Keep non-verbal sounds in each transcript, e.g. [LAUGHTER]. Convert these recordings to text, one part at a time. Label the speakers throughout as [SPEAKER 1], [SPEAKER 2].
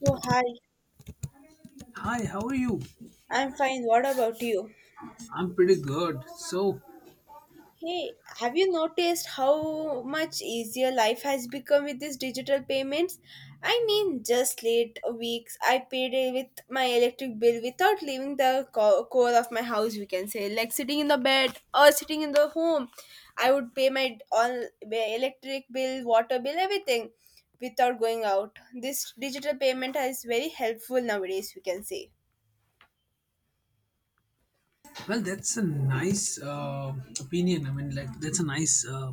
[SPEAKER 1] Oh, hi.
[SPEAKER 2] Hi, how are you?
[SPEAKER 1] I'm fine. What about you?
[SPEAKER 2] I'm pretty good. So,
[SPEAKER 1] Hey, have you noticed how much easier life has become with these digital payments? I mean, just late weeks, I paid it with my electric bill without leaving the core of my house, we can say. Like sitting in the bed or sitting in the home, I would pay my all my electric bill, water bill, everything without going out. This digital payment is very helpful nowadays, we can say.
[SPEAKER 2] well, that's a nice opinion. I mean, like, that's a nice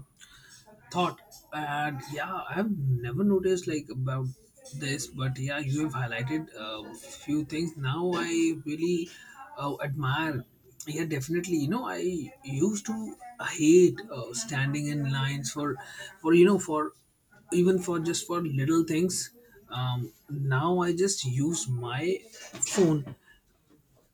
[SPEAKER 2] thought. And yeah, I've never noticed like about this, but yeah, you have highlighted a few things. Now I really admire. Yeah, definitely. You know, I used to hate standing in lines for even for just for little things, now I just use my phone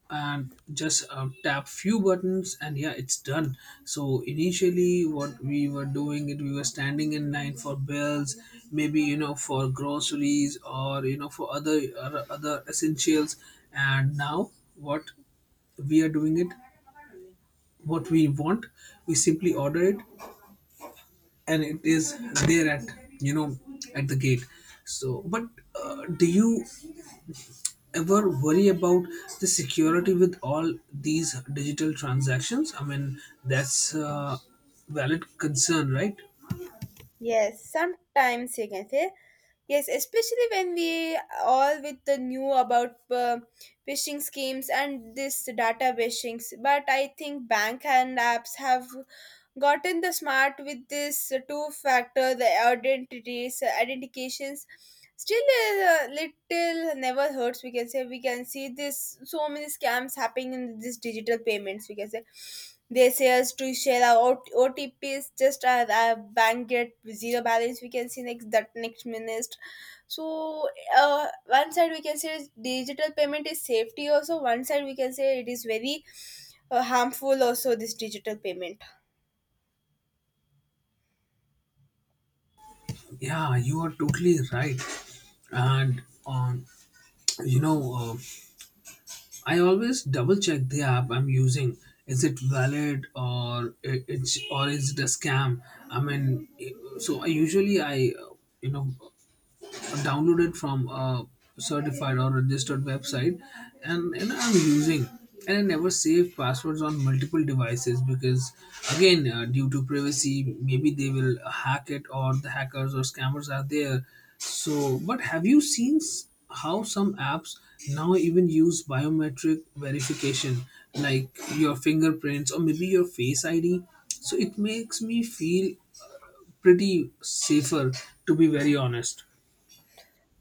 [SPEAKER 2] and just tap few buttons, and yeah, it's done. So initially what we were doing it, we were standing in line for bills, maybe you know, for groceries, or you know, for other or other essentials. And now, what we are doing it, what we want, we simply order it, and it is there at, you know, at the gate. So but do you ever worry about the security with all these digital transactions? I mean, that's a valid concern, right?
[SPEAKER 1] Yes, sometimes you can say. Yes, especially when we all with the new about phishing schemes and this data phishing. But I think bank and apps have gotten the smart with this two factor the identities identifications still a little never hurts, we can say. We can see this so many scams happening in this digital payments, we can say. They say us to share our otps, just our bank get zero balance we can see next, that next minute. So one side we can say digital payment is safety, also one side we can say it is very harmful also, this digital payment.
[SPEAKER 2] Yeah, you are totally right. And you know, I always double check the app I'm using. Is it valid or is it a scam? I mean, so I usually I you know, downloaded from a certified or registered website, and I'm using, and I never save passwords on multiple devices because again, due to privacy, maybe they will hack it, or the hackers or scammers are there. So but have you seen how some apps now even use biometric verification, like your fingerprints or maybe your face ID? So it makes me feel pretty safer, to be very honest.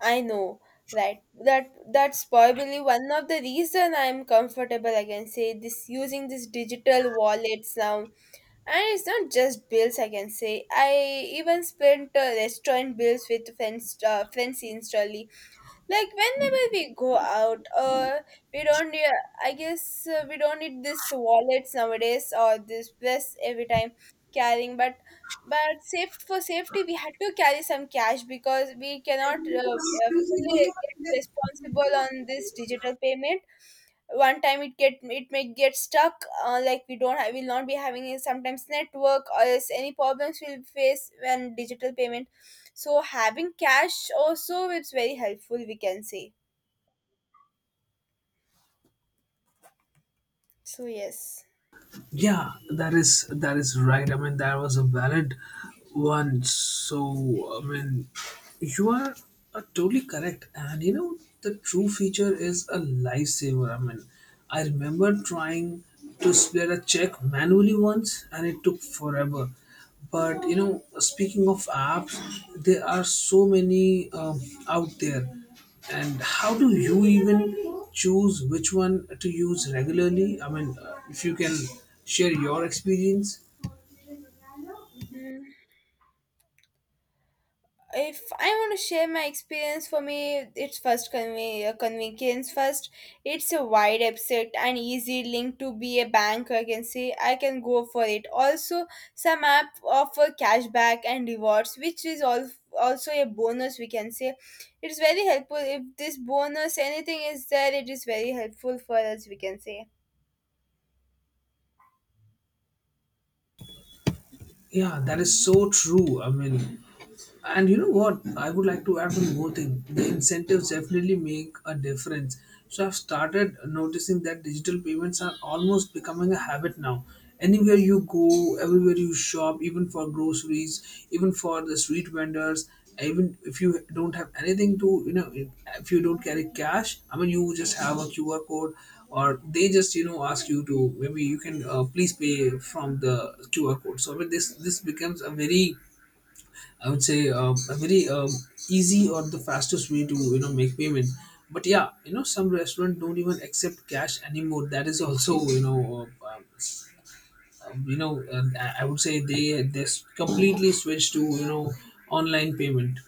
[SPEAKER 1] I know, right? That's probably one of the reason I'm comfortable, I can say, this using these digital wallets now. And it's not just bills, I can say. I even spent restaurant bills with friends friends instantly, like whenever we go out we don't rea- I guess we don't need this wallets nowadays or this plus every time carrying, but safe for safety we had to carry some cash because we cannot fully get responsible on this digital payment. One time it get, it may get stuck, like we don't have, will not be having a sometimes network or else any problems we'll face when digital payment. So having cash also, it's very helpful we can say. So yes.
[SPEAKER 2] Yeah, that is, that is right. I mean, that was a valid one. So, I mean, you are totally correct. And you know, the true feature is a lifesaver. I mean, I remember trying to split a check manually once, and it took forever. But you know, speaking of apps, there are so many, out there, and how do you even choose which one to use regularly? I mean, if you can share your experience.
[SPEAKER 1] Hmm. If I want to share my experience, for me it's first convenience first. It's a wide abstract and easy link to be a bank, I can say, I can go for it also. Some app offer cashback and rewards, which is all also a bonus we can say. It's very helpful, if this bonus anything is there it is very helpful for us we can say.
[SPEAKER 2] Yeah, that is so true. I mean, and you know what? I would like to add one more thing. The incentives definitely make a difference. So I've started noticing that digital payments are almost becoming a habit now. Anywhere you go, everywhere you shop, even for groceries, even for the street vendors, even if you don't have anything to, you know, if you don't carry cash, I mean, you just have a QR code, or they just, you know, ask you to maybe you can please pay from the QR code. So I mean, this becomes a very, I would say a very, easy or the fastest way to you know make payment. But yeah, you know some restaurant don't even accept cash anymore. That is also you know I would say they completely switched to, you know, online payment.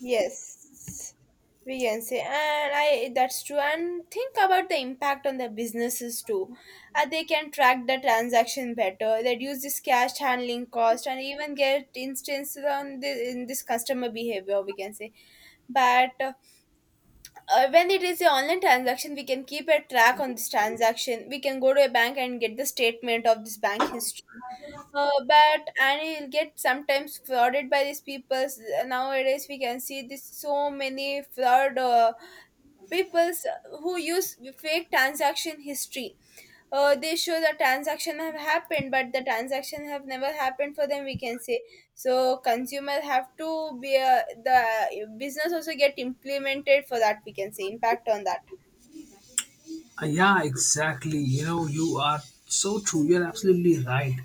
[SPEAKER 1] Yes, we can say, and I that's true. And think about the impact on the businesses too. They can track the transaction better, reduce this cash handling cost, and even get instances on the, in this customer behavior. We can say, but when it is a online transaction, we can keep a track on this transaction. We can go to a bank and get the statement of this bank history. But and you'll get sometimes frauded by these peoples nowadays, we can see this so many fraud peoples who use fake transaction history. They show the transaction have happened but the transaction have never happened for them, we can say. So consumer have to be, the business also get implemented for that, we can say, impact on that.
[SPEAKER 2] Yeah, exactly. You know, you are so true. You're absolutely right.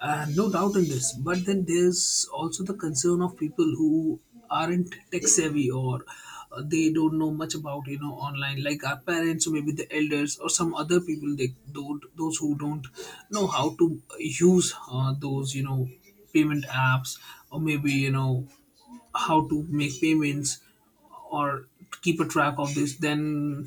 [SPEAKER 2] No doubt in this. But then there's also the concern of people who aren't tech savvy, or they don't know much about, you know, online, like our parents or maybe the elders, or some other people, they don't, those who don't know how to use those, you know, payment apps, or maybe you know how to make payments, or keep a track of this, then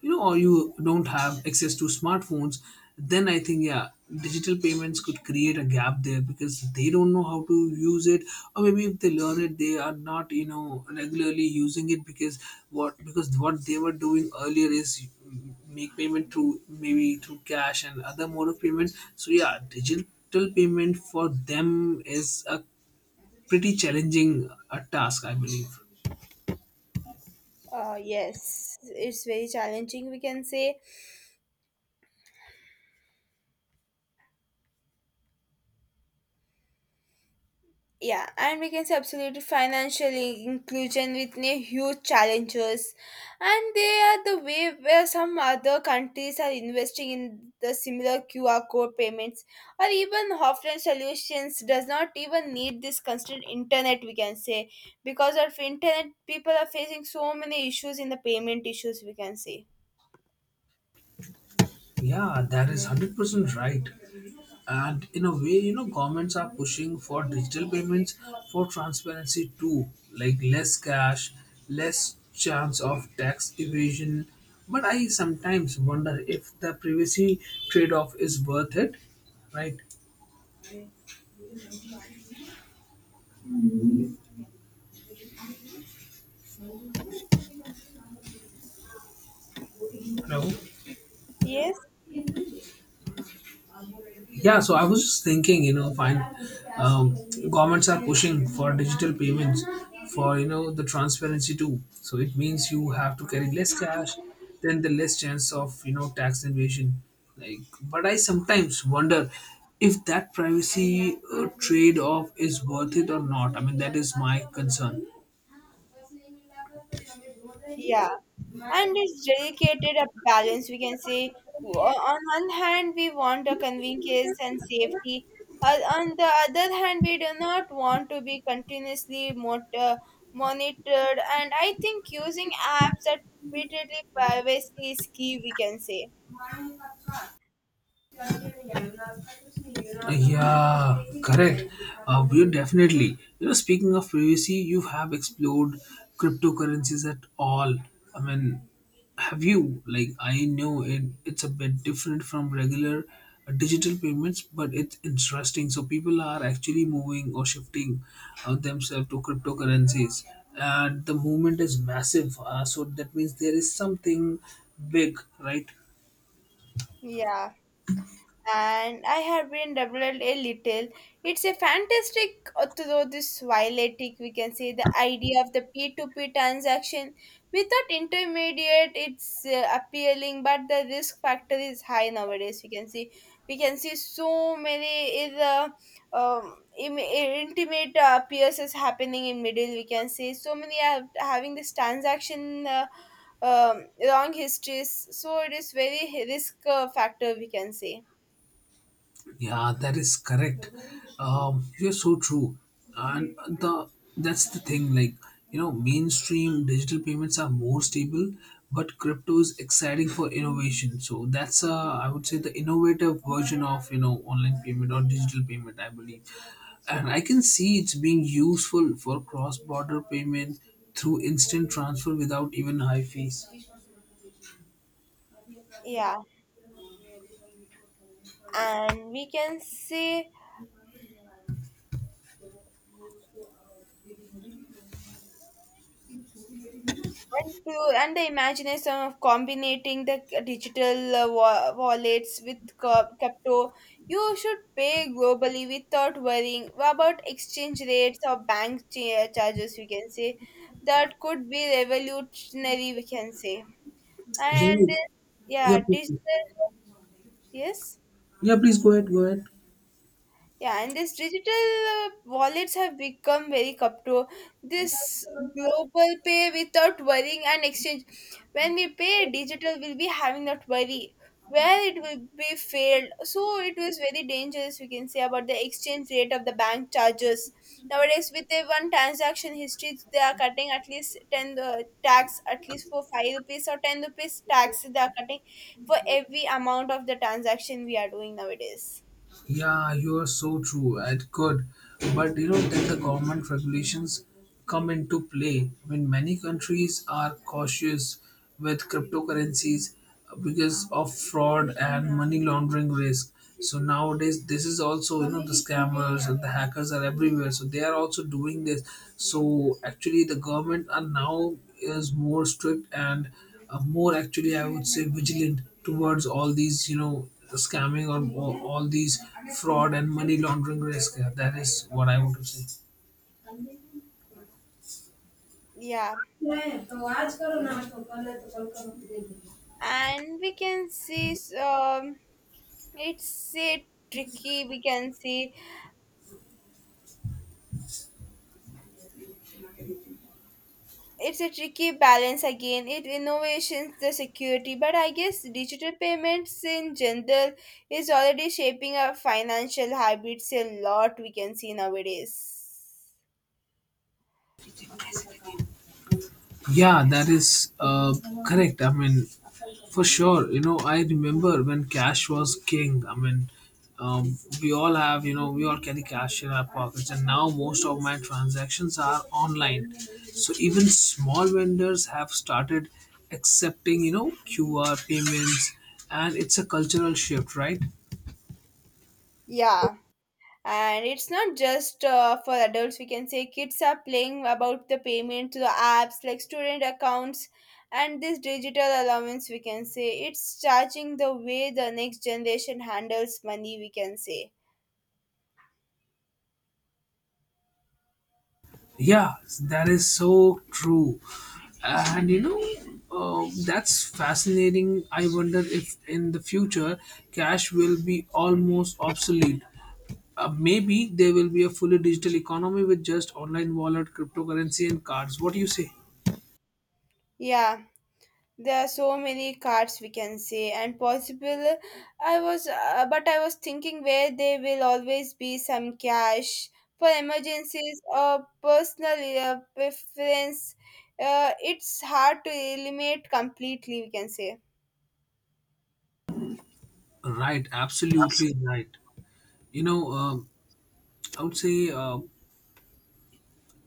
[SPEAKER 2] you know, or you don't have access to smartphones. Then I think, yeah, digital payments could create a gap there because they don't know how to use it, or maybe if they learn it, they are not, you know, regularly using it because what, because what they were doing earlier is make payment through, maybe through cash and other mode of payment. So yeah, digital payment for them is a pretty challenging task, I believe.
[SPEAKER 1] Yes, it's very challenging we can say. Yeah, and we can say absolutely financial inclusion with new huge challenges, and they are the way where some other countries are investing in the similar QR code payments, or even offline solutions does not even need this constant internet we can say. Because of internet, people are facing so many issues in the payment issues we can say.
[SPEAKER 2] Yeah, that is 100% right. And in a way, you know, governments are pushing for digital payments for transparency too, like less cash, less chance of tax evasion. But I sometimes wonder if the privacy trade-off is worth it, right? No.
[SPEAKER 1] Yes.
[SPEAKER 2] Yeah, so I was just thinking, you know, fine. Um, Governments are pushing for digital payments for, you know, the transparency too. So it means you have to carry less cash, then the less chance of, you know, tax invasion. Like, but I sometimes wonder if that privacy trade off is worth it or not. I mean, that is my concern.
[SPEAKER 1] Yeah, and it's dedicated a balance we can say. On one hand we want a convenience and safety. On the other hand we do not want to be continuously monitored, and I think using apps that repeatedly privacy is key, we can say.
[SPEAKER 2] Yeah, correct. We definitely. You know, speaking of privacy, you have explored cryptocurrencies at all. I mean, have you? Like, I know it's a bit different from regular digital payments, but it's interesting. So, people are actually moving or shifting themselves to cryptocurrencies, and the movement is massive. So, that means there is something big, right?
[SPEAKER 1] Yeah, and I have been developed a little. It's a fantastic, although this violetic, we can say, the idea of the P2P transaction without intermediate, it's appealing, but the risk factor is high nowadays. We can see so many intimate peers is happening in middle. We can see so many are having this transaction. Long histories, so it is very risk factor we can say.
[SPEAKER 2] Yeah, that is correct. You're so true, and the, that's the thing. Like, you know, mainstream digital payments are more stable, but crypto is exciting for innovation. So that's I would say the innovative version of, you know, online payment or digital payment, I believe, and I can see it's being useful for cross-border payment through instant transfer without even high fees.
[SPEAKER 1] Yeah, and we can see and the imagination of combining the digital wallets with crypto. You should pay globally without worrying about exchange rates or bank charges. We can say that could be revolutionary. We can say
[SPEAKER 2] Yeah,
[SPEAKER 1] and
[SPEAKER 2] yeah,
[SPEAKER 1] yeah,
[SPEAKER 2] please,
[SPEAKER 1] digital. Yes.
[SPEAKER 2] yeah, please go ahead, go ahead.
[SPEAKER 1] Yeah, and these digital wallets have become very cup to this global pay without worrying and exchange. When we pay digital, we'll be having that worry where it will be failed. So it was very dangerous, we can say, about the exchange rate of the bank charges. Nowadays, with a one transaction history, they are cutting at least 10 tax, at least for 5 rupees or 10 rupees tax, they are cutting for every amount of the transaction we are doing nowadays.
[SPEAKER 2] Yeah, you are so true. It could, but you know, then the government regulations come into play. I mean, many countries are cautious with cryptocurrencies because of fraud and money laundering risk. So nowadays, this is also, you know, the scammers and the hackers are everywhere. So they are also doing this. So actually, the government are now is more strict and more actually, I would say, vigilant towards all these, you know, scamming or all these fraud and money laundering risk. That is what I want to say.
[SPEAKER 1] Yeah. And we can see, it's a tricky we can see. It's a tricky balance again, it innovations the security, but I guess digital payments in general is already shaping our financial habits a lot we can see nowadays.
[SPEAKER 2] Yeah, that is correct. I mean, for sure. You know, I remember when cash was king. I mean, we all have, you know, we all carry cash in our pockets, and now most of my transactions are online. So even small vendors have started accepting, you know, QR payments, and it's a cultural shift, right?
[SPEAKER 1] Yeah, and it's not just for adults, we can say kids are playing about the payment to the apps like student accounts, and this digital allowance we can say it's charging the way the next generation handles money we can say.
[SPEAKER 2] Yeah, that is so true. And you know, that's fascinating. I wonder if in the future cash will be almost obsolete. Maybe there will be a fully digital economy with just online wallet, cryptocurrency, and cards. What do you say?
[SPEAKER 1] Yeah, there are so many cards we can say and possible. I was uh, but I was thinking where there will always be some cash for emergencies or personal preference. It's hard to eliminate completely we can say.
[SPEAKER 2] Right, absolutely right. You know, I would say,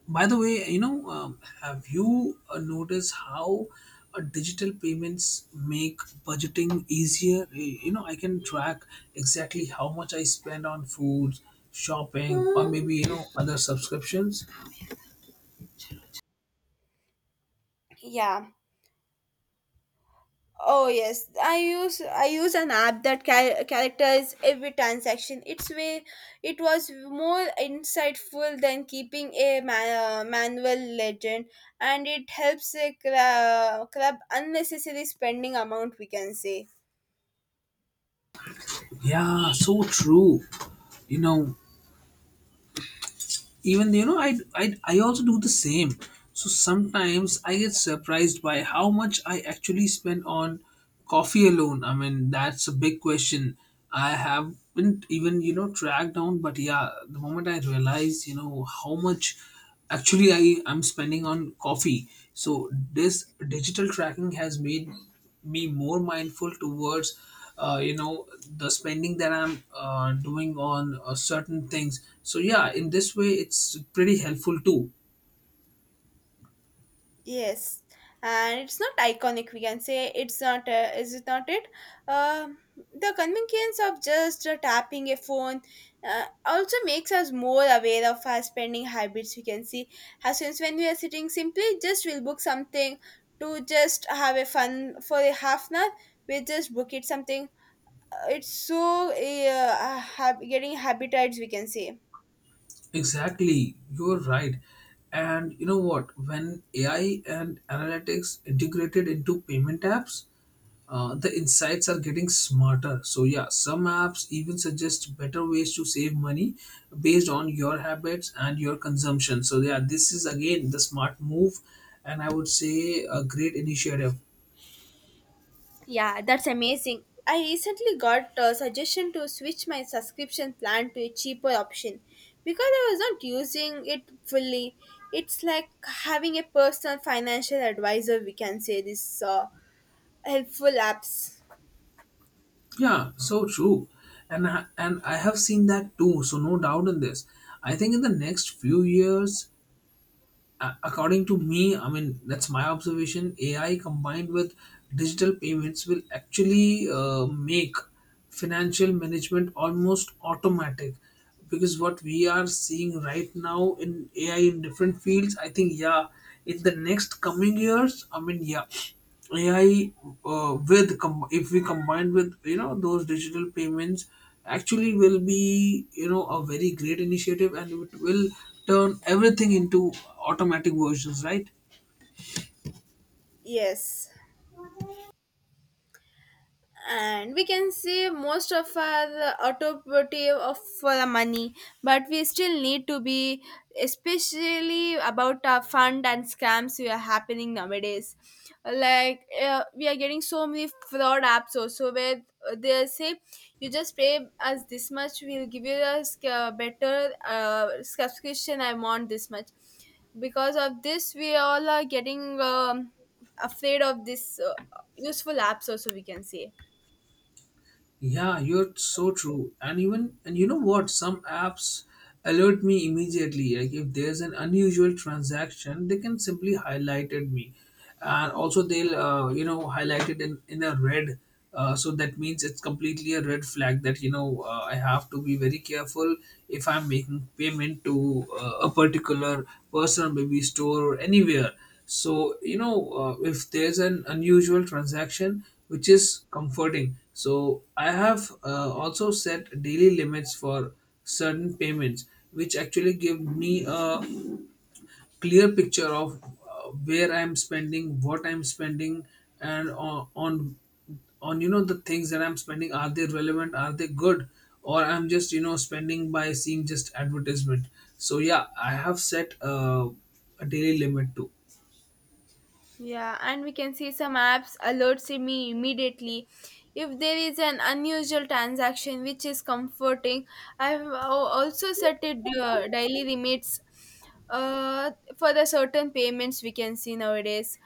[SPEAKER 2] by the way, you know, have you noticed how digital payments make budgeting easier? You know, I can track exactly how much I spend on food, shopping, or maybe, you know, other subscriptions.
[SPEAKER 1] Yeah. Oh yes, I use an app that characterizes every transaction. Its way it was more insightful than keeping a manual legend, and it helps crab unnecessary spending amount. We can say.
[SPEAKER 2] Yeah, so true. You know, even you know, I also do the same. So sometimes I get surprised by how much I actually spend on coffee alone. I mean, that's a big question. I haven't even, you know, tracked down, but yeah, the moment I realized, you know, how much actually I'm spending on coffee, so this digital tracking has made me more mindful towards you know, the spending that I'm doing on certain things. So yeah, in this way, it's pretty helpful too.
[SPEAKER 1] Yes, and it's not iconic. We can say it's not. Is it not it? Um the convenience of just tapping a phone, also makes us more aware of our spending habits. We can see, as since when we are sitting, simply just we'll book something to just have a fun for a half an hour. We just book it something. It's so getting habituates. We can say.
[SPEAKER 2] Exactly, you're right. And you know what? When AI and analytics integrated into payment apps, the insights are getting smarter. So yeah, some apps even suggest better ways to save money based on your habits and your consumption. So yeah, this is again the smart move, and I would say a great initiative.
[SPEAKER 1] Yeah, that's amazing. I recently got a suggestion to switch my subscription plan to a cheaper option because I was not using it fully. It's like having a personal financial advisor, we can say, this helpful apps.
[SPEAKER 2] Yeah, so true, and I have seen that too. So no doubt in this. I think in the next few years, according to me, I mean, that's my observation. AI combined with digital payments will actually make financial management almost automatic, because what we are seeing right now in AI in different fields, I think, yeah, in the next coming years, I mean, yeah, AI, if we combine with, you know, those digital payments, actually will be, you know, a very great initiative, and it will turn everything into automatic versions, right?
[SPEAKER 1] Yes. And we can see most of our automotive of for the money, but we still need to be especially about our fund and scams we are happening nowadays. Like we are getting so many fraud apps also, where they say you just pay us this much, we'll give you a better subscription, I want this much. Because of this we all are getting, afraid of this useful apps also we can say.
[SPEAKER 2] Yeah, you're so true. And even, and you know what? Some apps alert me immediately, like if there's an unusual transaction, they can simply highlight it me, and also they'll you know, highlight it in a red. So that means it's completely a red flag that I have to be very careful if I'm making payment to a particular person, maybe store or anywhere. So if there's an unusual transaction which is comforting. So I have also set daily limits for certain payments, which actually give me a clear picture of where I'm spending, what I'm spending, and on the things that I'm spending, are they relevant, are they good, or I'm just spending by seeing just advertisement. So yeah, I have set a daily limit too.
[SPEAKER 1] Yeah, and we can see some apps alerts me immediately if there is an unusual transaction, which is comforting. I've also set it daily limits uh, for the certain payments we can see nowadays.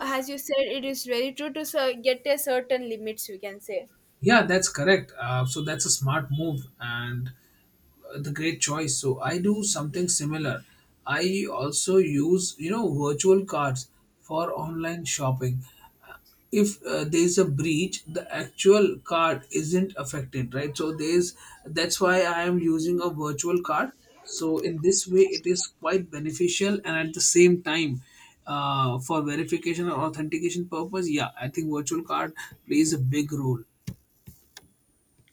[SPEAKER 1] As you said, it is very true to get a certain limits we can say.
[SPEAKER 2] Yeah, that's correct. So that's a smart move and the great choice. So I do something similar. I also use virtual cards for online shopping. Uh, If there is a breach, the actual card isn't affected, right? So there's That's why I am using a virtual card. So in this way, it is quite beneficial, and at the same time, for verification or authentication purpose, yeah, I think virtual card plays a big role.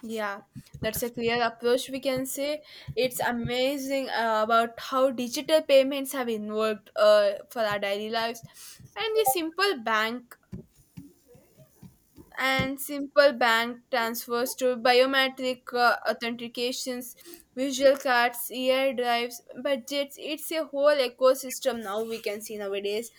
[SPEAKER 1] Yeah, that's a clear approach we can say. It's amazing about how digital payments have involved for our daily lives, and the simple bank and simple bank transfers to biometric authentications, visual cards, AI drives, budgets. It's a whole ecosystem now we can see nowadays.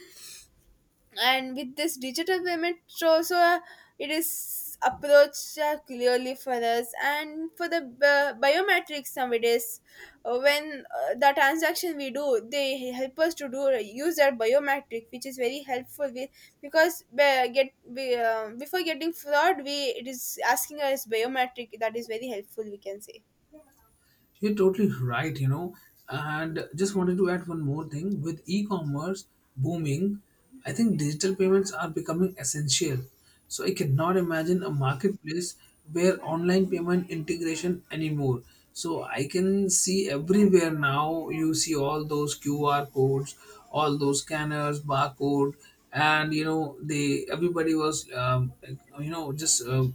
[SPEAKER 1] And with this digital payment also, it is approached clearly for us, and for the biometrics nowadays, when the transaction we do, they help us to do use their biometric, which is very helpful. We, because be, get we before getting fraud, we it is asking us biometric, that is very helpful we can say.
[SPEAKER 2] You're totally right, you know. And just wanted to add one more thing. With e commerce booming, I think digital payments are becoming essential. So I cannot imagine a marketplace where online payment integration anymore. So I can see everywhere now, you see all those QR codes, all those scanners, barcode, and they everybody was you know just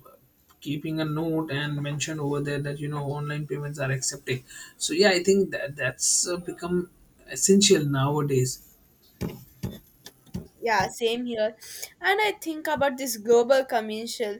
[SPEAKER 2] keeping a note and mention over there that you know online payments are accepting. So yeah, I think that's become essential nowadays.
[SPEAKER 1] Yeah, same here. And I think about this global commercial,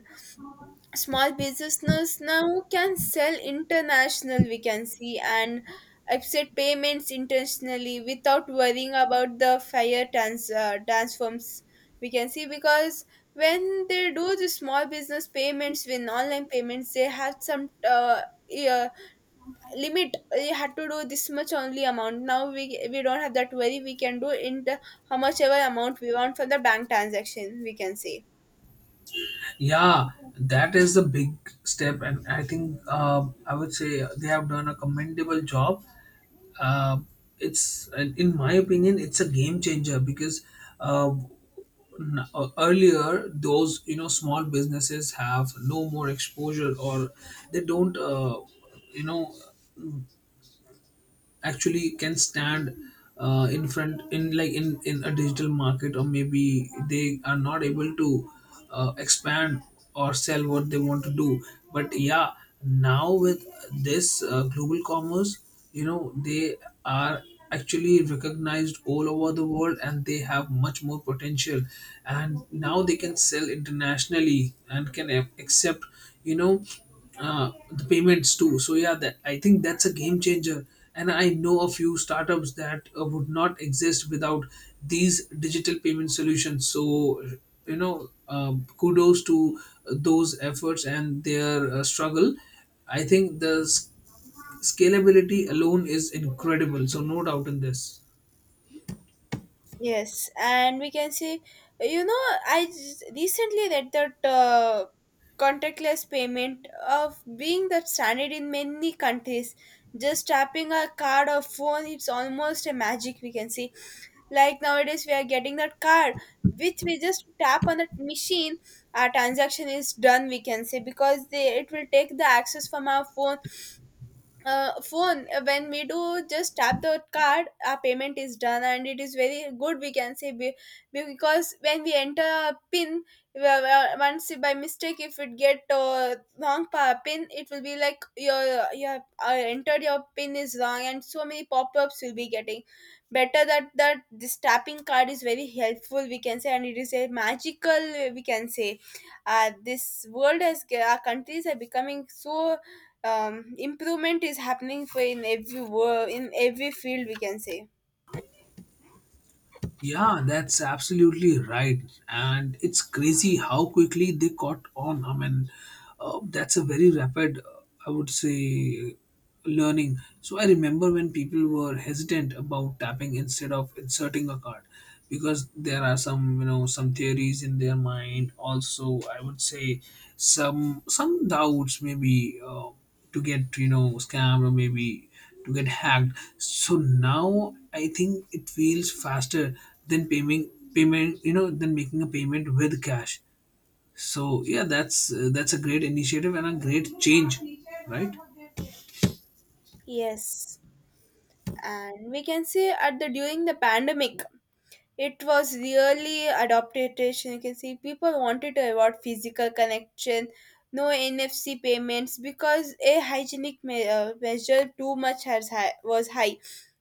[SPEAKER 1] small businesses now can sell international we can see, and accept payments internationally without worrying about the fire transforms we can see. Because when they do the small business payments with online payments, they have some yeah, limit. You had to do this much only amount, now we don't have that worry, we can do in the how much ever amount we want for the bank transaction we can say.
[SPEAKER 2] Yeah, that is the big step, and I think I would say they have done a commendable job. Uh, it's In my opinion, it's a game changer because uh, earlier those you know small businesses have no more exposure, or they don't you know actually can stand in front in like in a digital market, or maybe they are not able to expand or sell what they want to do. But yeah, now with this global commerce, you know they are actually recognized all over the world, and they have much more potential, and now they can sell internationally and can accept you know the payments too. So yeah, that I think that's a game changer. And I know a few startups that would not exist without these digital payment solutions. So you know, kudos to those efforts and their struggle. I think scalability alone is incredible. So no doubt in this.
[SPEAKER 1] Yes, and we can see, you know, I recently read that contactless payment of being the standard in many countries. Just tapping a card or phone, it's almost a magic. We can see, like nowadays, we are getting that card which we just tap on that machine. Our transaction is done. We can say because they it will take the access from our phone, when we do just tap the card, our payment is done, and it is very good we can say. Because when we enter a pin we once by mistake, if it get wrong pin, it will be like your entered your pin is wrong, and so many pop-ups will be getting. Better that this tapping card is very helpful we can say, and it is a magical we can say. This world has, our countries are becoming so, improvement is happening for in every world in every field we can say.
[SPEAKER 2] Yeah, that's absolutely right. And it's crazy how quickly they caught on. I mean, that's a very rapid, I would say, learning. So I remember when people were hesitant about tapping instead of inserting a card, because there are some, you know, some theories in their mind. Also, I would say some doubts maybe to get, you know, scammed or maybe to get hacked. So now I think it feels faster than paying payment, you know, than making a payment with cash. So yeah, that's a great initiative and a great change, right?
[SPEAKER 1] Yes. And we can say at the during the pandemic it was really adaptation. You can see people wanted to avoid physical connection, no NFC payments because a hygienic measure too much has high, was high.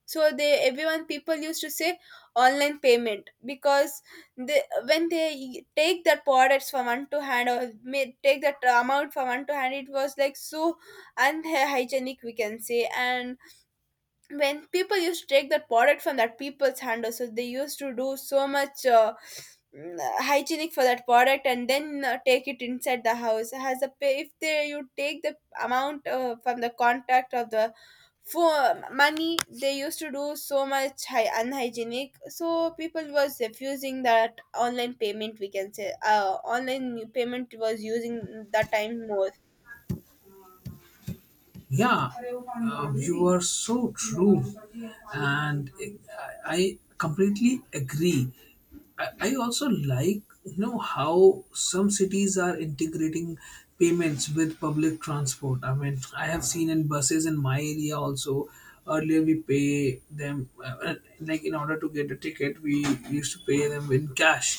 [SPEAKER 1] So they everyone people used to say online payment, because they, when they take that products from one to hand, or may take that amount from one to hand, it was like so unhygienic we can say. And when people used to take that product from that people's hand, so they used to do so much hygienic for that product and then take it inside the house has a pay. If they you take the amount from the contact of the for money, they used to do so much unhygienic, so people was refusing that online payment we can say. Online payment was using that time more.
[SPEAKER 2] Yeah, you are so true, and I completely agree. I also like you know how some cities are integrating payments with public transport. I mean, I have seen in buses in my area also. Earlier we pay them like in order to get a ticket, we used to pay them in cash,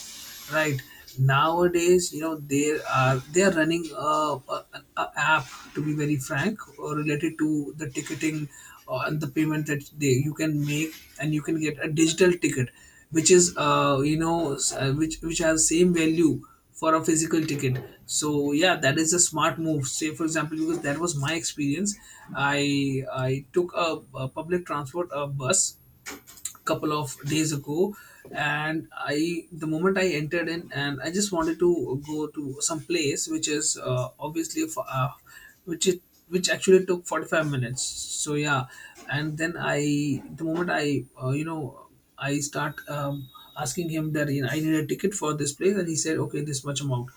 [SPEAKER 2] right? Nowadays you know they are running a app, to be very frank, related to the ticketing and the payment that they you can make, and you can get a digital ticket, which is you know which which has same value for a physical ticket. So yeah, that is a smart move, say for example, because that was my experience. I took a public transport, a bus, couple of days ago. And I the moment I entered in, and I just wanted to go to some place which is obviously for, which it which actually took 45 minutes, so yeah. And then I the moment I you know, I start asking him that you know, I need a ticket for this place, and he said, "Okay, this much amount."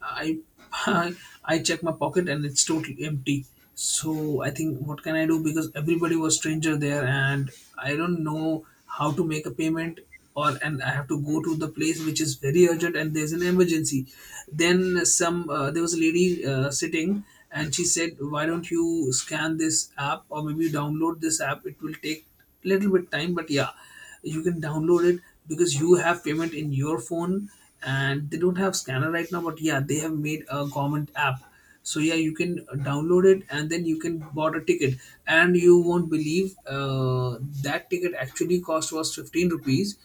[SPEAKER 2] I [LAUGHS] I, I check my pocket and it's totally empty. So I think, what can I do? Because everybody was stranger there, and I don't know how to make a payment, or and I have to go to the place which is very urgent, and there's an emergency. Then some there was a lady sitting. And she said, "Why don't you scan this app, or maybe download this app? It will take little bit time, but yeah, you can download it, because you have payment in your phone, and they don't have scanner right now, but yeah, they have made a government app. So yeah, you can download it and then you can bought a ticket." And you won't believe that ticket actually cost was 15 rupees.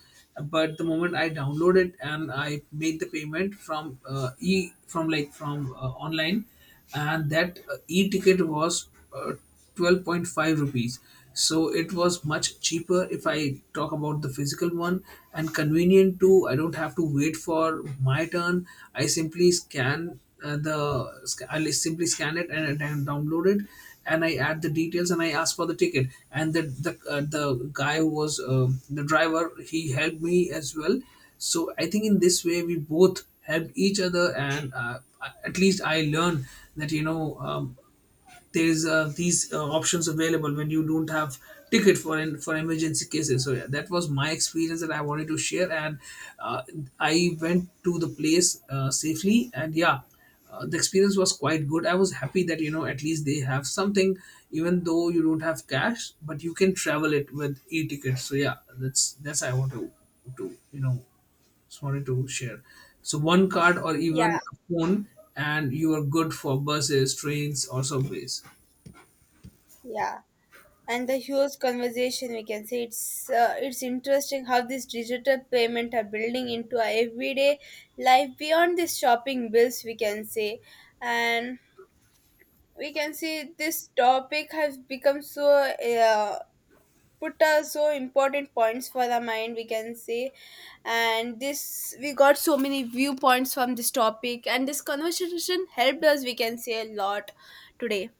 [SPEAKER 2] But the moment I download it and I made the payment from e from like from online, and that e-ticket was uh, 12.5 rupees. So it was much cheaper if I talk about the physical one, and convenient too. I don't have to wait for my turn. I simply scan I simply scan it and download it, and I add the details, and I ask for the ticket. And the guy who was the driver, he helped me as well. So I think in this way we both helped each other, and at least I learn that you know there's these options available when you don't have ticket for for emergency cases. So yeah, that was my experience that I wanted to share. And uh, I went to the place safely, and yeah. The experience was quite good. I was happy that you know at least they have something, even though you don't have cash, but you can travel it with e-tickets. So yeah, that's I want to you know just wanted to share. So one card or
[SPEAKER 1] Yeah.
[SPEAKER 2] even a phone, and you are good for buses, trains, or subways.
[SPEAKER 1] Yeah, and the huge conversation we can say, it's interesting how these digital payment are building into our everyday life beyond these shopping bills we can say. And we can see this topic has become so put so important points for the mind we can say. And this we got so many viewpoints from this topic, and this conversation helped us we can say a lot today.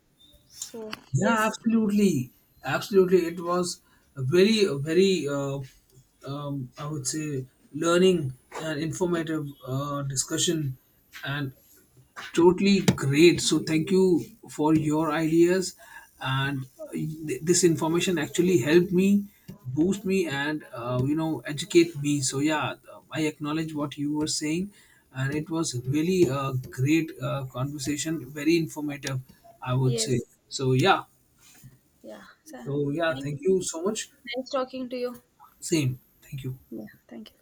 [SPEAKER 1] So
[SPEAKER 2] Yeah,
[SPEAKER 1] yes.
[SPEAKER 2] absolutely. It was a very, I would say, learning and informative discussion, and totally great, so thank you for your ideas. And this information actually helped me, boost me, and you know educate me. So yeah, I acknowledge what you were saying, and it was really a great conversation, very informative, I would say.
[SPEAKER 1] Yes,
[SPEAKER 2] So yeah,
[SPEAKER 1] yeah, so
[SPEAKER 2] so yeah,
[SPEAKER 1] thank
[SPEAKER 2] thank
[SPEAKER 1] you.
[SPEAKER 2] you so much.
[SPEAKER 1] Nice talking to you.
[SPEAKER 2] Same, thank you.
[SPEAKER 1] Yeah, thank you.